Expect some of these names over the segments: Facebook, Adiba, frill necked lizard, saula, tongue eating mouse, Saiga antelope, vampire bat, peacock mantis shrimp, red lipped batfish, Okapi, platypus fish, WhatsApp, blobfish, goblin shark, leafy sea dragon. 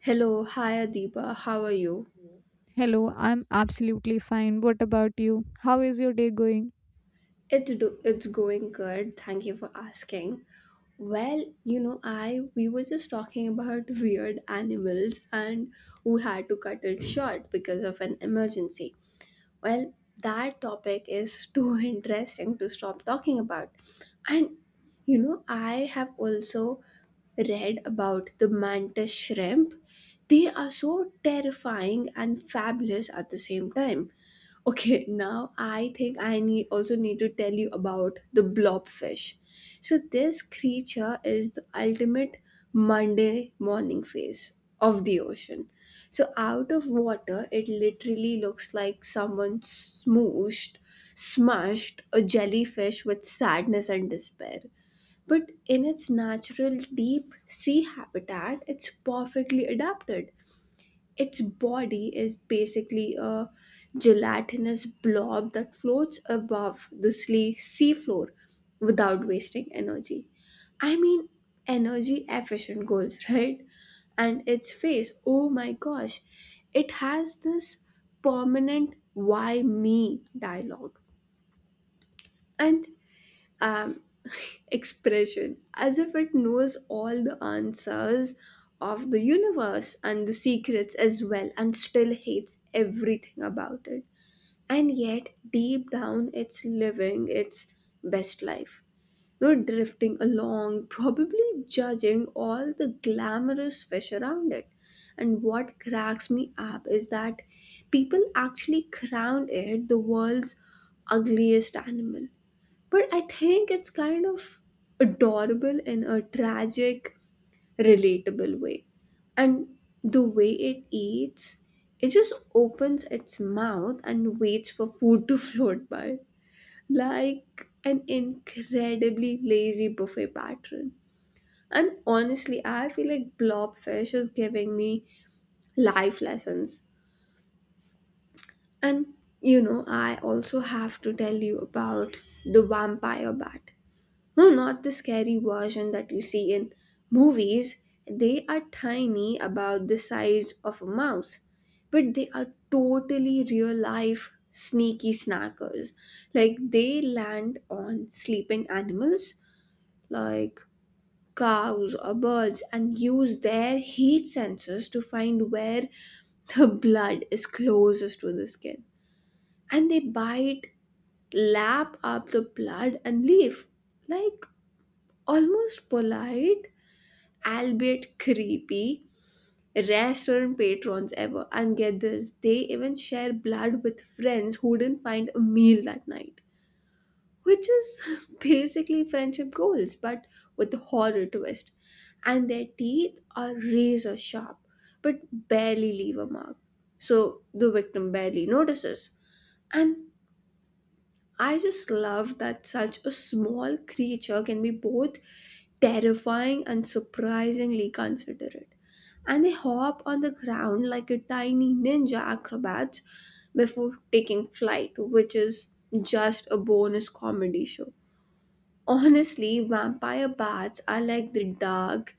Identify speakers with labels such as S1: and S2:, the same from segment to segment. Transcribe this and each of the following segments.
S1: Hello, hi Adiba, how are you?
S2: Hello, I'm absolutely fine. What about you? How is your day going?
S1: It's going good. Thank you for asking. Well, you know, I we were just talking about weird animals, and we had to cut it short because of an emergency. Well, that topic is too interesting to stop talking about. And you know, I have also read about the mantis shrimp. They are so terrifying and fabulous at the same time. Okay, now I think I need also need to tell you about the blobfish. So this creature is the ultimate Monday morning face of the ocean. So out of water, it literally looks like someone smashed a jellyfish with sadness and despair. But in its natural deep sea habitat, it's perfectly adapted. Its body is basically a gelatinous blob that floats above the seafloor without wasting energy. I mean, energy efficient goals, right? And its face, oh my gosh, it has this permanent why me dialogue. And um, expression as if it knows all the answers of the universe and the secrets as well, and still hates everything about it, and yet deep down it's living its best life, you know, drifting along, probably judging all the glamorous fish around it. And what cracks me up is that people actually crown it the world's ugliest animal, but I think it's kind of adorable in a tragic, relatable way. And the way it eats, it just opens its mouth and waits for food to float by, like an incredibly lazy buffet pattern. And honestly, I feel like blobfish is giving me life lessons. And you know, I also have to tell you about the vampire bat. No, not the scary version that you see in movies. They are tiny, about the size of a mouse, but they are totally real life sneaky snackers. Like, they land on sleeping animals like cows or birds, and use their heat sensors to find where the blood is closest to the skin. And they bite, lap up the blood, and leave. Like almost polite, albeit creepy, restaurant patrons ever. And get this, they even share blood with friends who didn't find a meal that night, which is basically friendship goals, but with a horror twist. And their teeth are razor sharp, but barely leave a mark. So the victim barely notices. And I just love that such a small creature can be both terrifying and surprisingly considerate. And they hop on the ground like a tiny ninja acrobats before taking flight, which is just a bonus comedy show. Honestly, vampire bats are like the dark,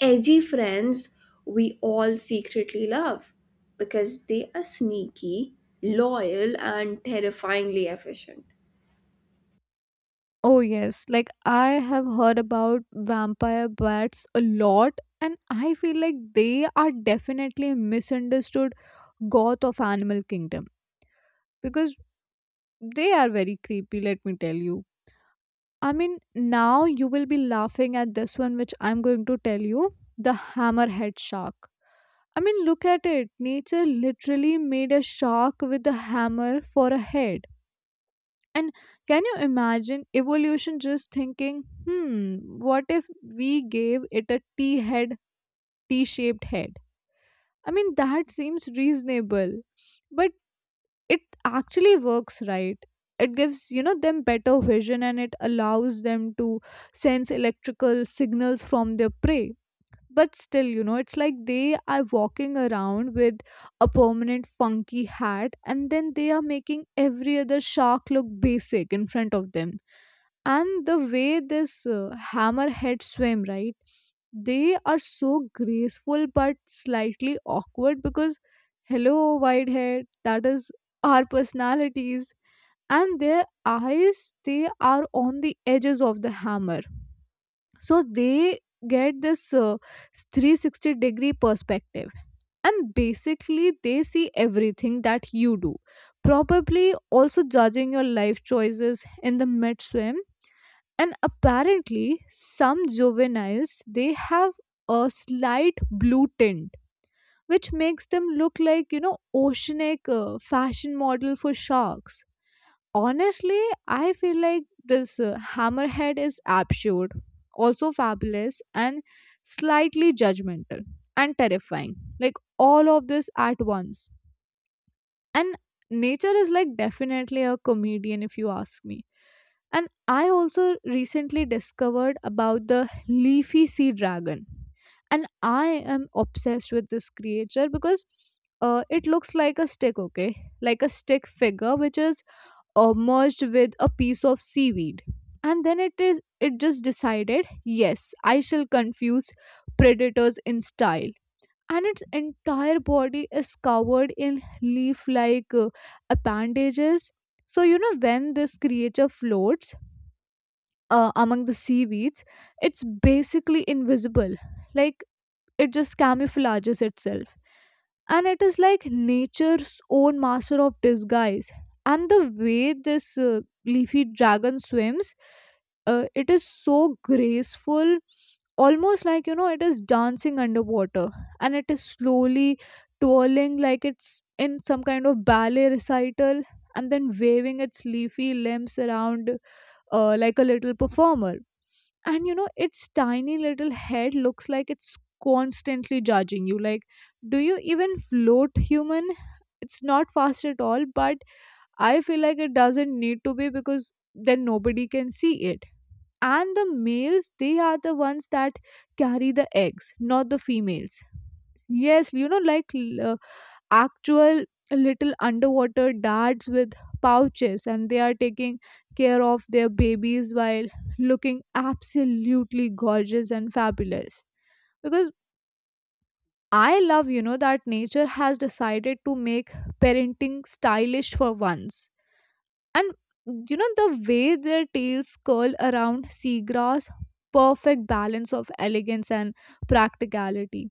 S1: edgy friends we all secretly love, because they are sneaky, loyal, and terrifyingly efficient.
S2: Oh, yes. Like, I have heard about vampire bats a lot, and I feel like they are definitely a misunderstood goth of Animal Kingdom because they are very creepy, let me tell you. I mean, now you will be laughing at this one, which I'm going to tell you, the hammerhead shark. I mean, look at it. Nature literally made a shark with a hammer for a head. And can you imagine evolution just thinking, hmm, what if we gave it a T head, T shaped head? I mean, that seems reasonable, but it actually works, right? It gives, you know, them better vision and it allows them to sense electrical signals from their prey. But still, you know, it's like they are walking around with a permanent funky hat, and then they are making every other shark look basic in front of them. And the way this hammerhead swim, right, they are so graceful but slightly awkward because, hello, whitehead, that is our personalities. And their eyes, they are on the edges of the hammer, so they get this 360-degree perspective, and basically they see everything that you do, probably also judging your life choices in the mid swim. And apparently some juveniles, they have a slight blue tint, which makes them look like, you know, oceanic fashion model for sharks. Honestly, I feel like this hammerhead is absurd, also fabulous and slightly judgmental and terrifying, like all of this at once. And nature is, like, definitely a comedian if you ask me. And I also recently discovered about the leafy sea dragon. And I am obsessed with this creature because it looks like a stick, okay? Like a stick figure which is merged with a piece of seaweed. And then it just decided, yes, I shall confuse predators in style. And its entire body is covered in leaf like appendages. So, you know, when this creature floats, among the seaweeds, it's basically invisible. Like, it just camouflages itself. And it is like nature's own master of disguise. And the way this leafy dragon swims, it is so graceful, almost like, you know, it is dancing underwater, and it is slowly twirling like it's in some kind of ballet recital, and then waving its leafy limbs around, like a little performer. And, you know, its tiny little head looks like it's constantly judging you, like, do you even float, human? It's not fast at all, but I feel like it doesn't need to be because then nobody can see it. And the males, they are the ones that carry the eggs, not the females. Yes, you know, like actual little underwater dads with pouches, and they are taking care of their babies while looking absolutely gorgeous and fabulous. Because I love, you know, that nature has decided to make parenting stylish for once. And, you know, the way their tails curl around seagrass, perfect balance of elegance and practicality.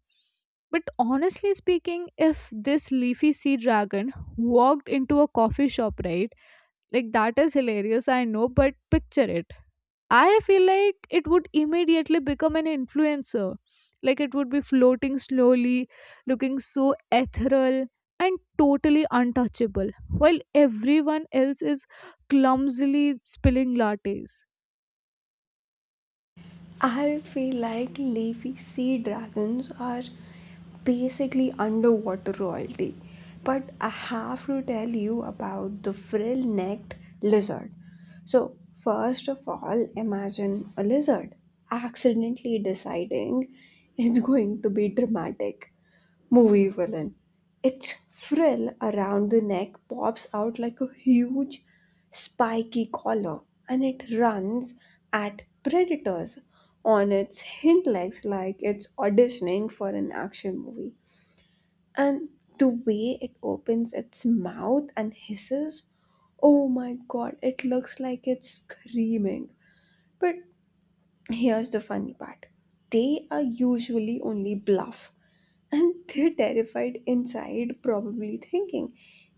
S2: But honestly speaking, if this leafy sea dragon walked into a coffee shop, right, like, that is hilarious, I know, but picture it. I feel like it would immediately become an influencer. Like, it would be floating slowly, looking so ethereal and totally untouchable, while everyone else is clumsily spilling lattes.
S1: I feel like leafy sea dragons are basically underwater royalty. But I have to tell you about the frill necked lizard. So, first of all, imagine a lizard accidentally deciding it's going to be dramatic. Movie villain. Its frill around the neck pops out like a huge spiky collar, and it runs at predators on its hind legs like it's auditioning for an action movie. And the way it opens its mouth and hisses, oh my god, it looks like it's screaming. But here's the funny part, they are usually only bluff and they're terrified inside, probably thinking,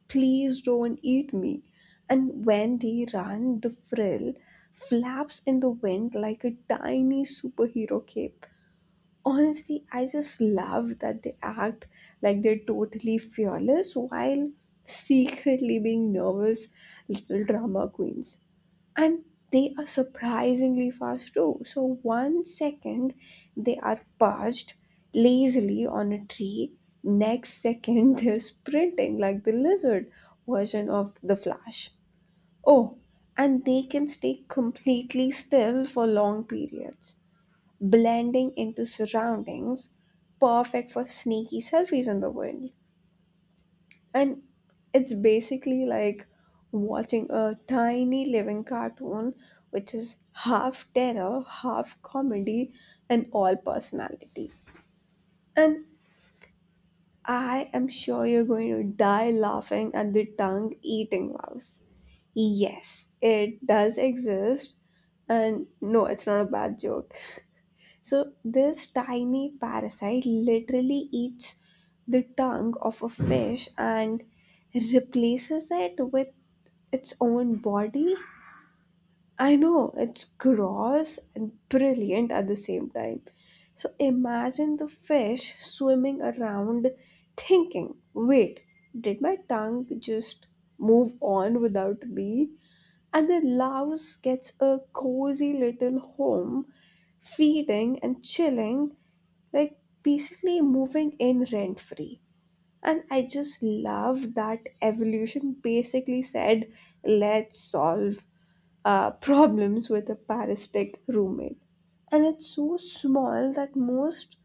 S1: please don't eat me. And when they run, the frill flaps in the wind like a tiny superhero cape. Honestly, I just love that they act like they're totally fearless while secretly being nervous little drama queens, and they are surprisingly fast too. So, one second they are perched lazily on a tree, next second they're sprinting like the lizard version of the Flash. Oh, and they can stay completely still for long periods, blending into surroundings, perfect for sneaky selfies in the wind. And it's basically like watching a tiny living cartoon, which is half terror, half comedy, and all personality. And I am sure you're going to die laughing at the tongue eating mouse. Yes, it does exist. And no, it's not a bad joke. So this tiny parasite literally eats the tongue of a fish and replaces it with its own body. I know, it's gross and brilliant at the same time. So imagine the fish swimming around thinking, wait, did my tongue just move on without me? And the louse gets a cozy little home, feeding and chilling, like basically moving in rent free. And I just love that evolution basically said, let's solve problems with a parasitic roommate. And it's so small that most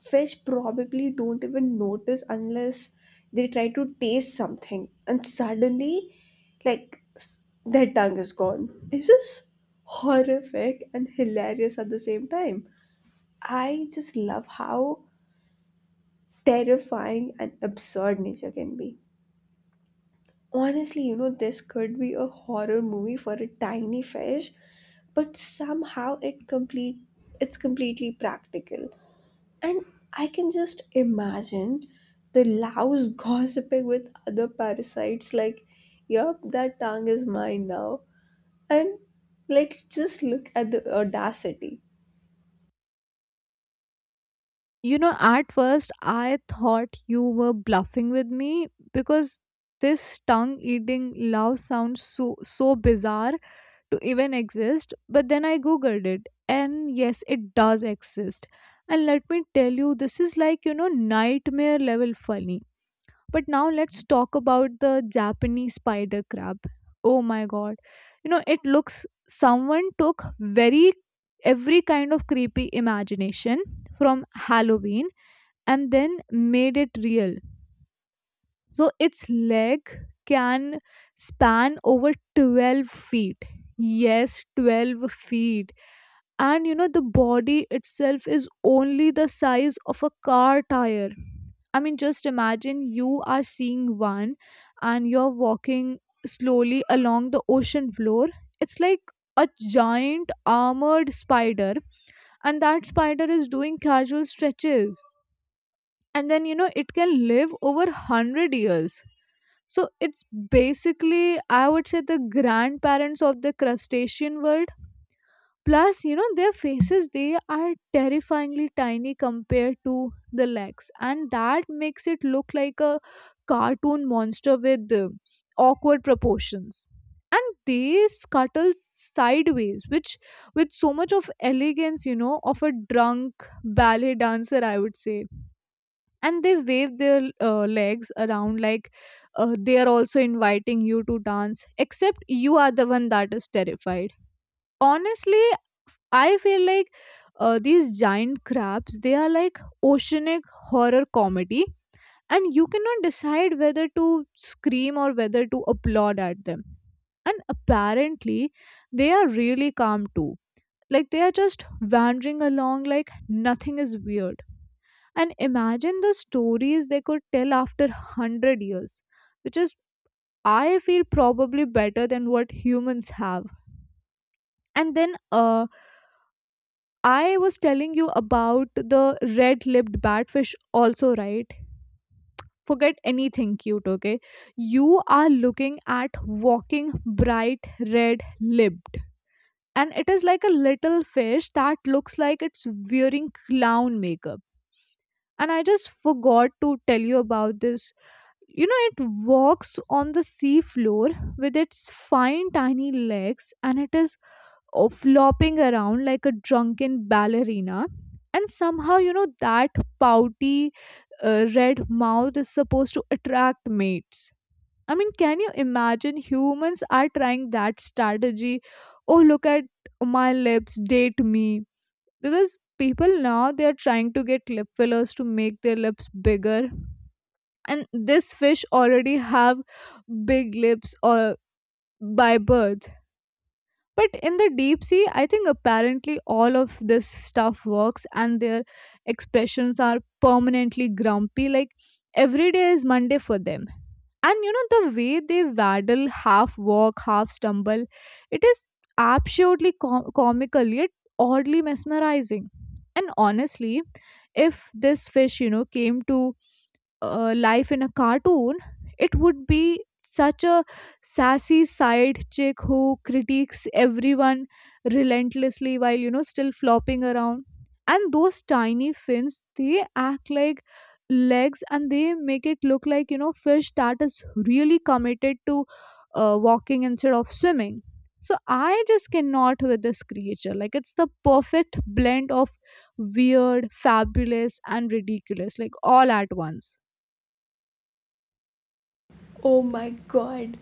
S1: fish probably don't even notice unless they try to taste something, and suddenly, like their tongue is gone. It's just horrific and hilarious at the same time. I just love how terrifying and absurd nature can be. Honestly, you know, this could be a horror movie for a tiny fish, but somehow it's completely practical. And I can just imagine the louse gossiping with other parasites, like, yup, that tongue is mine now. And like, just look at the audacity.
S2: You know, at first I thought you were bluffing with me because this tongue eating love sounds so bizarre to even exist, but then I googled it, and yes, it does exist. And let me tell you, this is, like, you know, nightmare level funny. But now let's talk about the japanese spider crab. Oh my god, you know, it looks, someone took very every kind of creepy imagination from halloween and then made it real. So its leg can span over 12 feet. Yes, 12 feet. And you know, the body itself is only the size of a car tire. I mean, just imagine you are seeing one and you're walking slowly along the ocean floor. It's like a giant armored spider, and that spider is doing casual stretches. And then, you know, it can live over 100 years. So it's basically, I would say, the grandparents of the crustacean world. Plus, you know, their faces, they are terrifyingly tiny compared to the legs. And that makes it look like a cartoon monster with awkward proportions. And they scuttle sideways, which with so much of elegance, you know, of a drunk ballet dancer, I would say. And they wave their legs around like they are also inviting you to dance, except you are the one that is terrified. Honestly, I feel like, these giant crabs, they are like oceanic horror comedy, and you cannot decide whether to scream or whether to applaud at them. And apparently they are really calm too, like they are just wandering along like nothing is weird. And imagine the stories they could tell after 100 years, which is, I feel, probably better than what humans have. And then, uh, I was telling you about the red-lipped batfish also, right? Forget anything cute, okay? You are looking at walking bright red-lipped, and it is like a little fish that looks like it's wearing clown makeup. And I just forgot to tell you about this. You know, it walks on the seafloor with its fine, tiny legs, and it is, oh, flopping around like a drunken ballerina. And somehow, you know, that pouty red mouth is supposed to attract mates. I mean, can you imagine humans are trying that strategy? Oh, look at my lips, date me. Because people now, they are trying to get lip fillers to make their lips bigger, and this fish already have big lips or by birth. But in the deep sea, I think apparently all of this stuff works, and their expressions are permanently grumpy, like every day is monday for them. And you know, the way they waddle, half walk, half stumble, it is absolutely comical yet oddly mesmerizing. And honestly, if this fish, you know, came to life in a cartoon, it would be such a sassy side chick who critiques everyone relentlessly while, you know, still flopping around. And those tiny fins, they act like legs, and they make it look like, you know, fish that is really committed to walking instead of swimming. So I just cannot with this creature, like, it's the perfect blend of weird, fabulous, and ridiculous, like, all at once.
S1: Oh my god,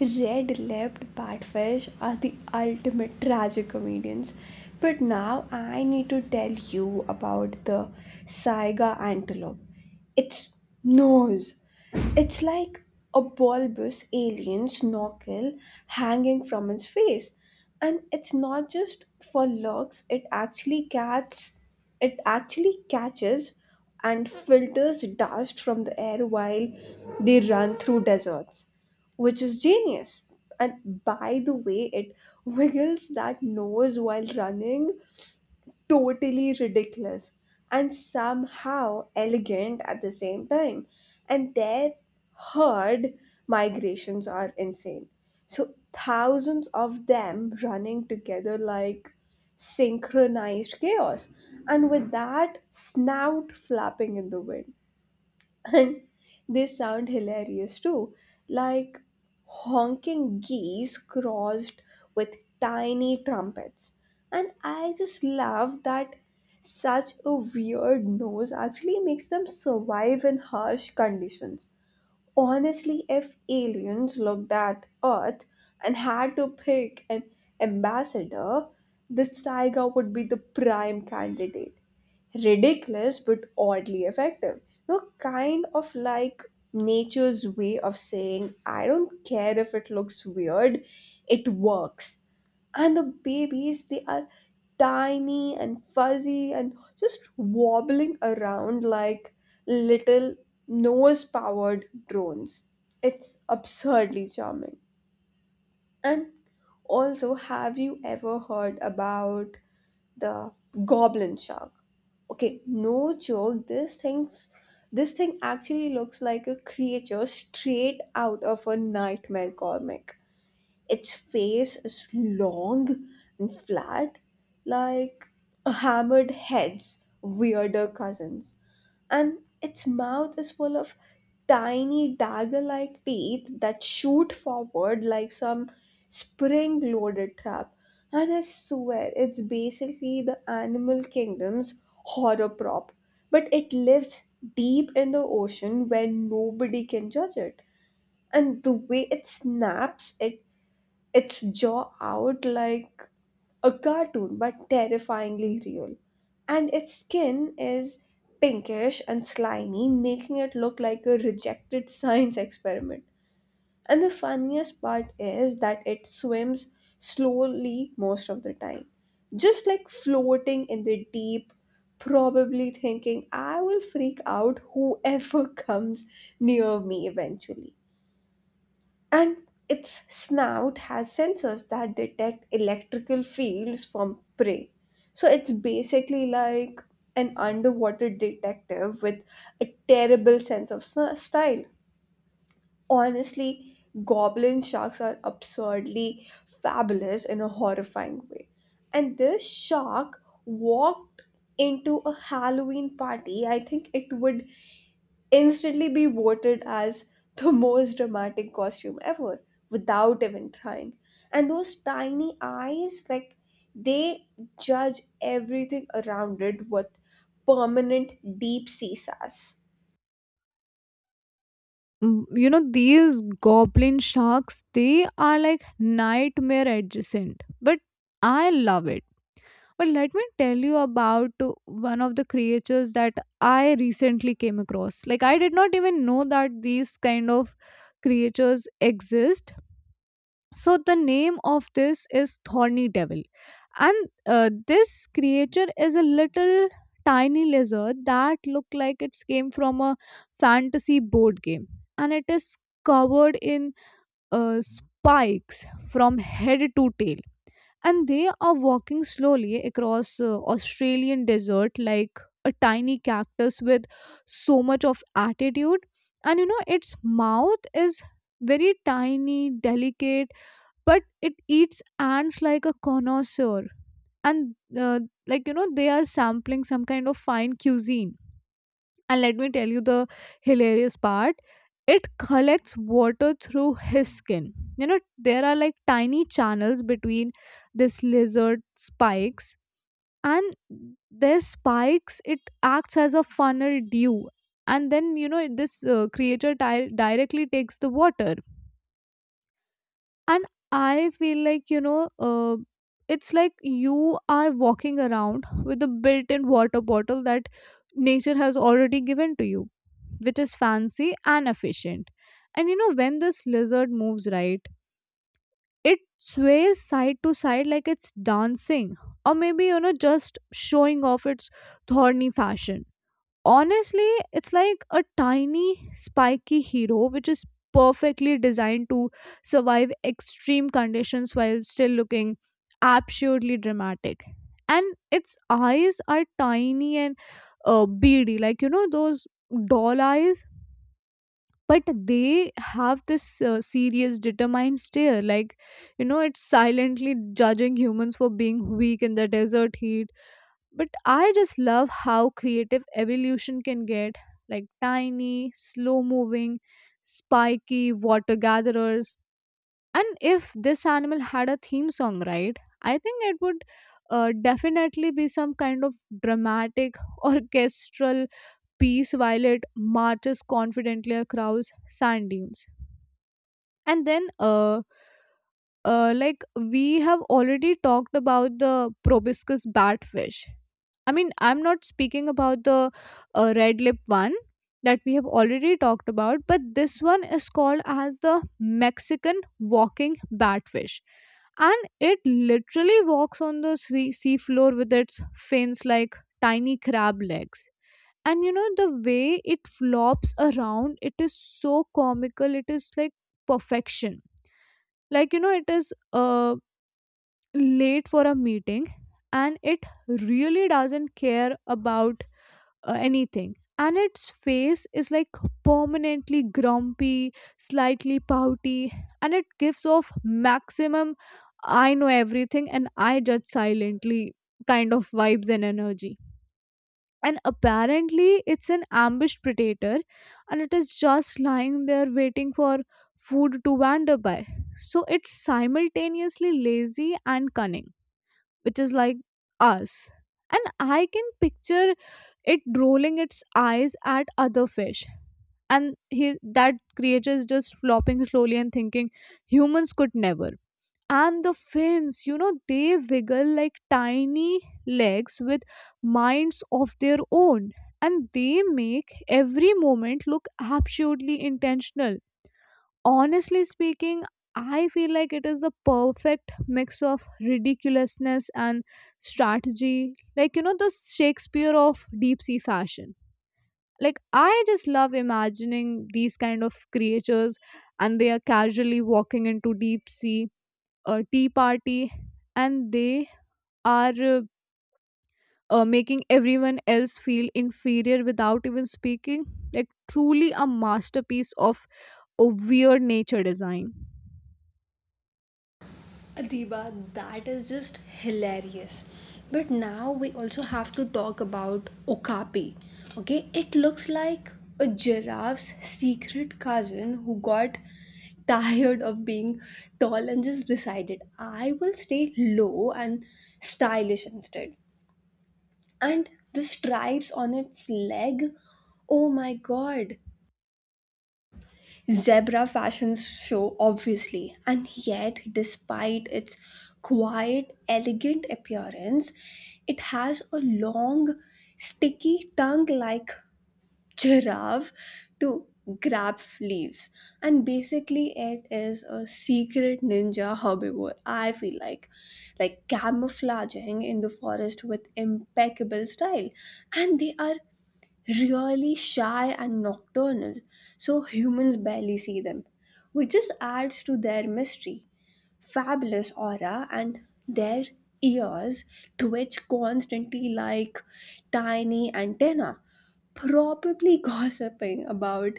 S1: red lipped batfish are the ultimate tragic comedians. But now I need to tell you about the Saiga antelope. Its nose. It's like a bulbous alien's knuckle hanging from its face. And it's not just for looks, it actually catches and filters dust from the air while they run through deserts, which is genius. And by the way, it wiggles that nose while running, totally ridiculous and somehow elegant at the same time. And their herd migrations are insane. So, thousands of them running together like synchronized chaos, and with that, snout flapping in the wind. And they sound hilarious too, like honking geese crossed with tiny trumpets. And I just love that such a weird noise actually makes them survive in harsh conditions. Honestly, if aliens looked at Earth and had to pick an ambassador, this tiger would be the prime candidate. Ridiculous but oddly effective. No, kind of like nature's way of saying, I don't care if it looks weird, it works. And the babies, they are tiny and fuzzy and just wobbling around like little nose powered drones. It's absurdly charming. And also, have you ever heard about the goblin shark? Okay, no joke, this thing actually looks like a creature straight out of a nightmare comic. Its face is long and flat, like a hammered head's weirder cousins, and its mouth is full of tiny dagger like teeth that shoot forward like some spring loaded trap. And I swear, it's basically the animal kingdom's horror prop, but it lives deep in the ocean where nobody can judge it. And the way it snaps at its jaw out, like a cartoon but terrifyingly real. And its skin is pinkish and slimy, making it look like a rejected science experiment. And the funniest part is that it swims slowly most of the time, just like floating in the deep, probably thinking, I will freak out whoever comes near me eventually. And its snout has sensors that detect electrical fields from prey. So it's basically like an underwater detective with a terrible sense of style. Honestly, goblin sharks are absurdly fabulous in a horrifying way. And this shark walked into a Halloween party, I think it would instantly be voted as the most dramatic costume ever without even trying. And those tiny eyes, like, they judge everything around it with permanent deep sea sass.
S2: Mm, you know, these goblin sharks, they are like nightmare adjacent, but I love it. But let me tell you about one of the creatures that I recently came across. Like, I did not even know that these kind of creatures exist. So, the name of this is Thorny Devil. And this creature is a little tiny lizard that look like it's came from a fantasy board game. And it is covered in spikes from head to tail, and they are walking slowly across australian desert like a tiny cactus with so much of attitude. And you know, its mouth is very tiny, delicate, but it eats ants like a connoisseur, and uh, like, you know, they are sampling some kind of fine cuisine. And let me tell you the hilarious part, it collects water through his skin. You know, there are like tiny channels between this lizard spikes, and their spikes, it acts as a funnel dew, and then you know, this creature directly takes the water. And I feel like, you know, uh, it's like you are walking around with a built-in water bottle that nature has already given to you, which is fancy and efficient. And you know, when this lizard moves, right, it sways side to side like it's dancing, or maybe, you know, just showing off its thorny fashion. Honestly, it's like a tiny spiky hero which is perfectly designed to survive extreme conditions while still looking absurdly dramatic. And its eyes are tiny and beady, like, you know, those doll eyes, but they have this serious determined stare, like, you know, it's silently judging humans for being weak in the desert heat. But I just love how creative evolution can get, like tiny, slow moving, spiky water gatherers. And if this animal had a theme song, right, I think it would definitely be some kind of dramatic orchestral piece while it marches confidently across sand dunes. And then like, we have already talked about the proboscis batfish. I mean, I'm not speaking about the red lip one that we have already talked about, but this one is called as the Mexican walking batfish. And it literally walks on the seafloor with its fins like tiny crab legs. And you know, the way it flops around, it is so comical. It is like perfection. Like, you know, it is a late for a meeting, and it really doesn't care about anything. And its face is, like, permanently grumpy, slightly pouty, and it gives off maximum, I know everything and I judge silently, kind of vibes and energy. And apparently it's an ambushed predator, and it is just lying there waiting for food to wander by, so it's simultaneously lazy and cunning, which is like us. And I can picture it rolling its eyes at other fish. And he, that creature is just flopping slowly and thinking, humans could never. And the fins, you know, they wiggle like tiny legs with minds of their own, and they make every moment look absolutely intentional. Honestly speaking, I feel like it is the perfect mix of ridiculousness and strategy, like, you know, the shakespeare of deep sea fashion. Like, I just love imagining these kind of creatures, and they are casually walking into deep sea, a tea party, and they are making everyone else feel inferior without even speaking, like, truly a masterpiece of or weird nature design.
S1: Adiba, that is just hilarious. But now we also have to talk about Okapi. Okay, it looks like a giraffe's secret cousin who got tired of being tall and just decided, I will stay low and stylish instead. And the stripes on its leg, oh my god, Zebra fashion show, obviously. And yet, despite its quiet, elegant appearance, it has a long, sticky tongue like giraffe to grab leaves. And basically, it is a secret ninja herbivore, I feel like camouflaging in the forest with impeccable style. And they are really shy and nocturnal, so humans barely see them, which just adds to their mystery, fabulous aura. And their ears twitch constantly like tiny antenna, probably gossiping about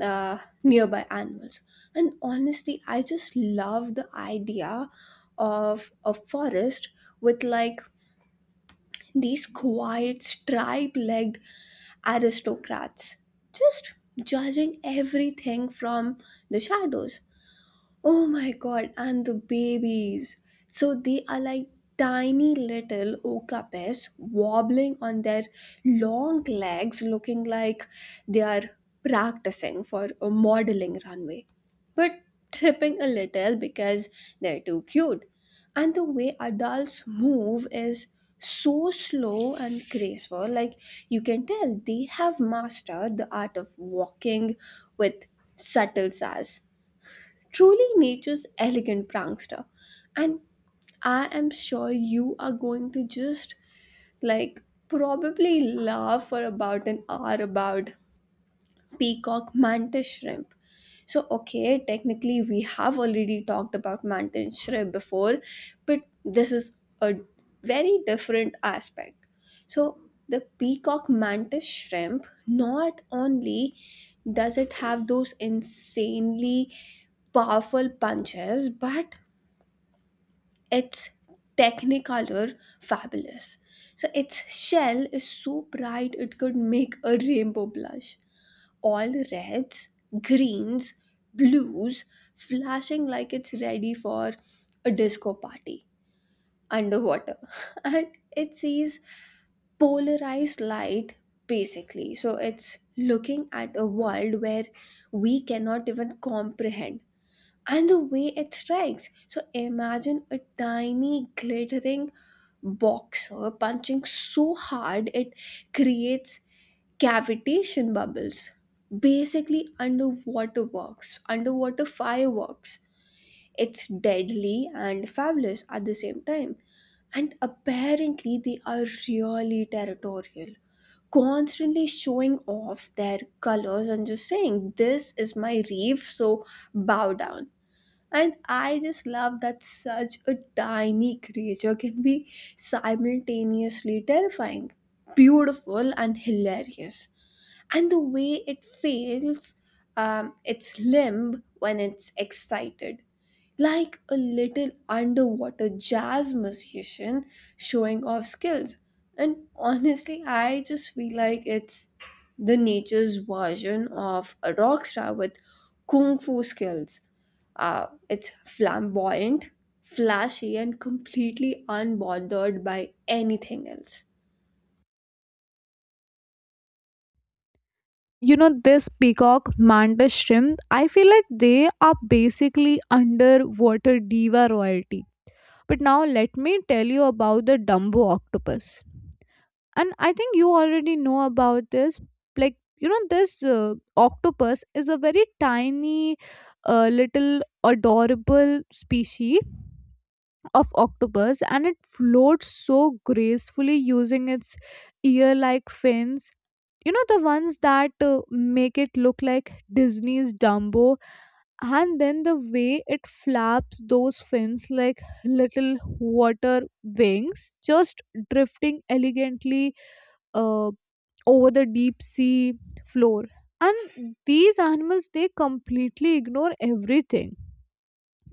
S1: uh, nearby animals. And honestly, I just love the idea of a forest with like these quiet, stripe legged aristocrats, just judging everything from the shadows. Oh my god, and the babies. So they are like tiny little okapes wobbling on their long legs, looking like they are practicing for a modeling runway, but tripping a little because they're too cute. And the way adults move is so slow and graceful, like you can tell they have mastered the art of walking with subtle sass, truly nature's elegant prankster. And I am sure you are going to just, like, probably laugh for about an hour about peacock mantis shrimp. So, okay, technically we have already talked about mantis shrimp before, but this is a very different aspect. So the peacock mantis shrimp, not only does it have those insanely powerful punches, but its technicolor fabulous. So its shell is so bright it could make a rainbow blush, all reds, greens, blues, flashing like it's ready for a disco party underwater. And it sees polarized light basically. So it's looking at a world where we cannot even comprehend. And the way it strikes. So imagine a tiny glittering boxer punching so hard it creates cavitation bubbles, basically underwater fireworks. It's deadly and fabulous at the same time. And apparently they are really territorial, constantly showing off their colors and just saying this is my reef, so bow down. And I just love that such a tiny creature can be simultaneously terrifying, beautiful, and hilarious. And the way it feels, its limb when it's excited, like a little underwater jazz musician showing off skills. And honestly I just feel like it's the nature's version of a rock star with kung fu skills. Uh, it's flamboyant, flashy, and completely unbothered by anything else.
S2: You know, this peacock mantis shrimp, I feel like they are basically underwater diva royalty. But now let me tell you about the dumbo octopus. And I think you already know about this. Like, you know, this octopus is a very tiny little adorable species of octopus, and it floats so gracefully using its ear like fins. You know, the ones that make it look like Disney's Dumbo, and then the way it flaps those fins like little water wings, just drifting elegantly uh, over the deep sea floor. And these animals, they completely ignore everything.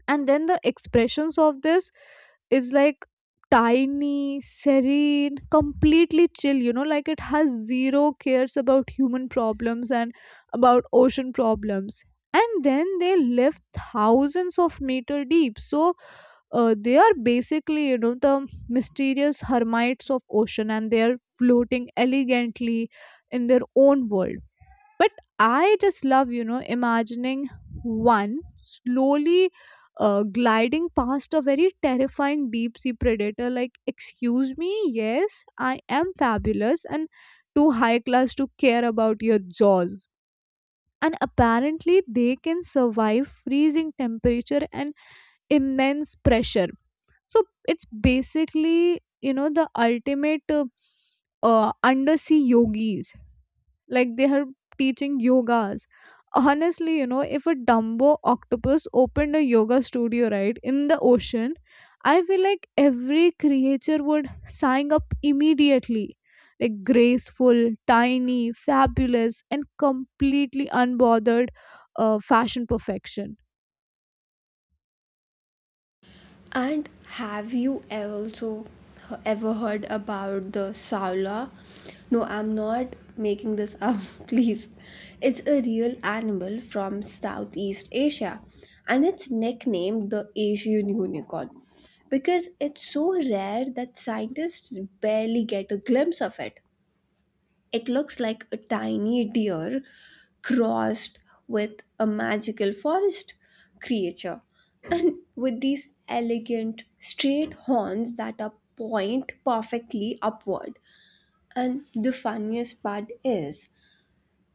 S2: And then the expressions of this is like, tiny, serene, completely chill, you know, like it has zero cares about human problems and about ocean problems. And then they live thousands of meter deep, so they are basically, you know, the mysterious hermits of ocean, and they are floating elegantly in their own world. But I just love, you know, imagining one slowly gliding past a very terrifying deep sea predator, like, excuse me, yes, I am fabulous and too high class to care about your jaws. And apparently they can survive freezing temperature and immense pressure, so it's basically, you know, the ultimate undersea yogis, like, they are teaching yogas. Honestly, you know, if a dumbo octopus opened a yoga studio right in the ocean, I feel like every creature would sign up immediately, like graceful, tiny, fabulous, and completely unbothered, fashion perfection.
S1: And have you ever also ever heard about the saula? No, I'm not making this up, please. It's a real animal from Southeast Asia and it's nicknamed the Asian unicorn because it's so rare that scientists barely get a glimpse of it. It looks like a tiny deer crossed with a magical forest creature and with these elegant straight horns that are point perfectly upward. And the funniest part is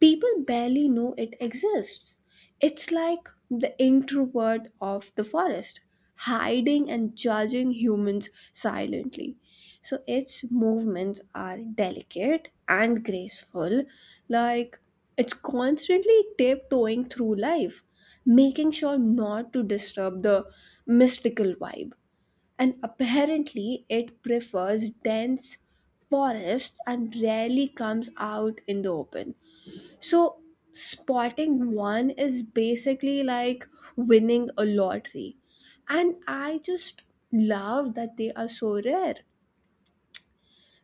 S1: people barely know it exists. It's like the introvert of the forest, hiding and judging humans silently. So its movements are delicate and graceful, like it's constantly tiptoeing through life, making sure not to disturb the mystical vibe. And apparently, it prefers dense forests and rarely comes out in the open, so spotting one is basically like winning a lottery. And I just love that they are so rare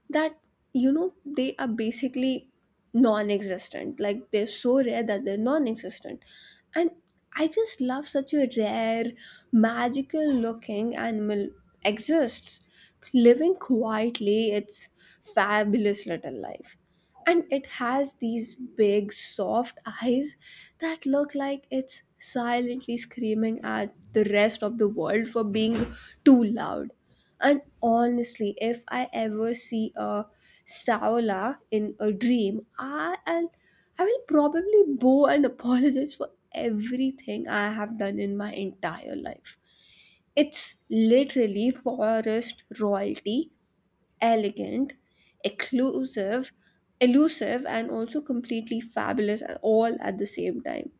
S1: that, you know, they are basically non-existent, like they're so rare that they're non-existent. And I just love such a rare magical looking animal exists, living quietly its fabulous little life. And it has these big soft eyes that look like it's silently screaming at the rest of the world for being too loud. And honestly, if I ever see a Saola in a dream, I will probably bow and apologize for everything I have done in my entire life. It's literally forest royalty, elegant, exclusive, elusive, and also completely fabulous all at the same time.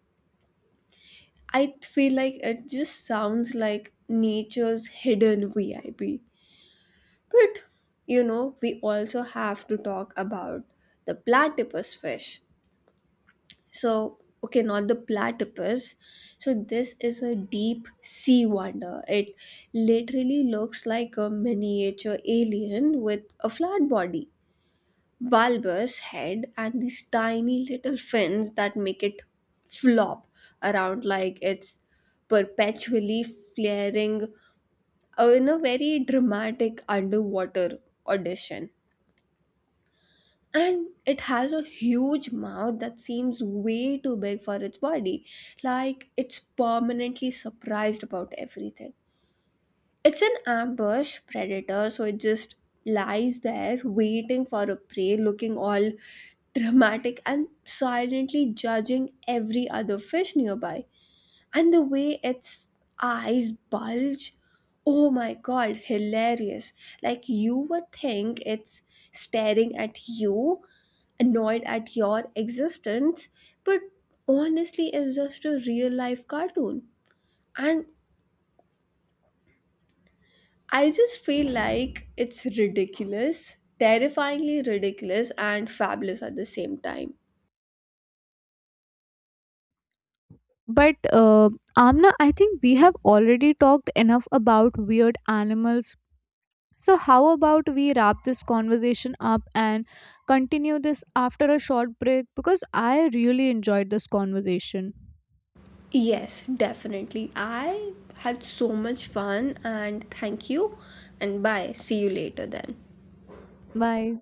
S1: I feel like it just sounds like nature's hidden VIP. But you know, we also have to talk about the platypus fish. So, okay, not the platypus. So, this is a deep sea wonder. It literally looks like a miniature alien with a flat body, bulbous head, and these tiny little fins that make it flop around like it's perpetually flaring in a very dramatic underwater audition. And it has a huge mouth that seems way too big for its body, like it's permanently surprised about everything. It's an ambush predator, so it just lies there waiting for a prey, looking all dramatic and silently judging every other fish nearby. And the way its eyes bulge, oh my god, hilarious. Like you would think it's staring at you, annoyed at your existence, but honestly it's just a real life cartoon. And I just feel like it's ridiculous, terrifyingly ridiculous and fabulous at the same time.
S2: But uh, Amna, I think we have already talked enough about weird animals. So, how about we wrap this conversation up and continue this after a short break? Because I really enjoyed this conversation.
S1: Yes, definitely, I had so much fun, and thank you, and bye, see you later then.
S2: Bye.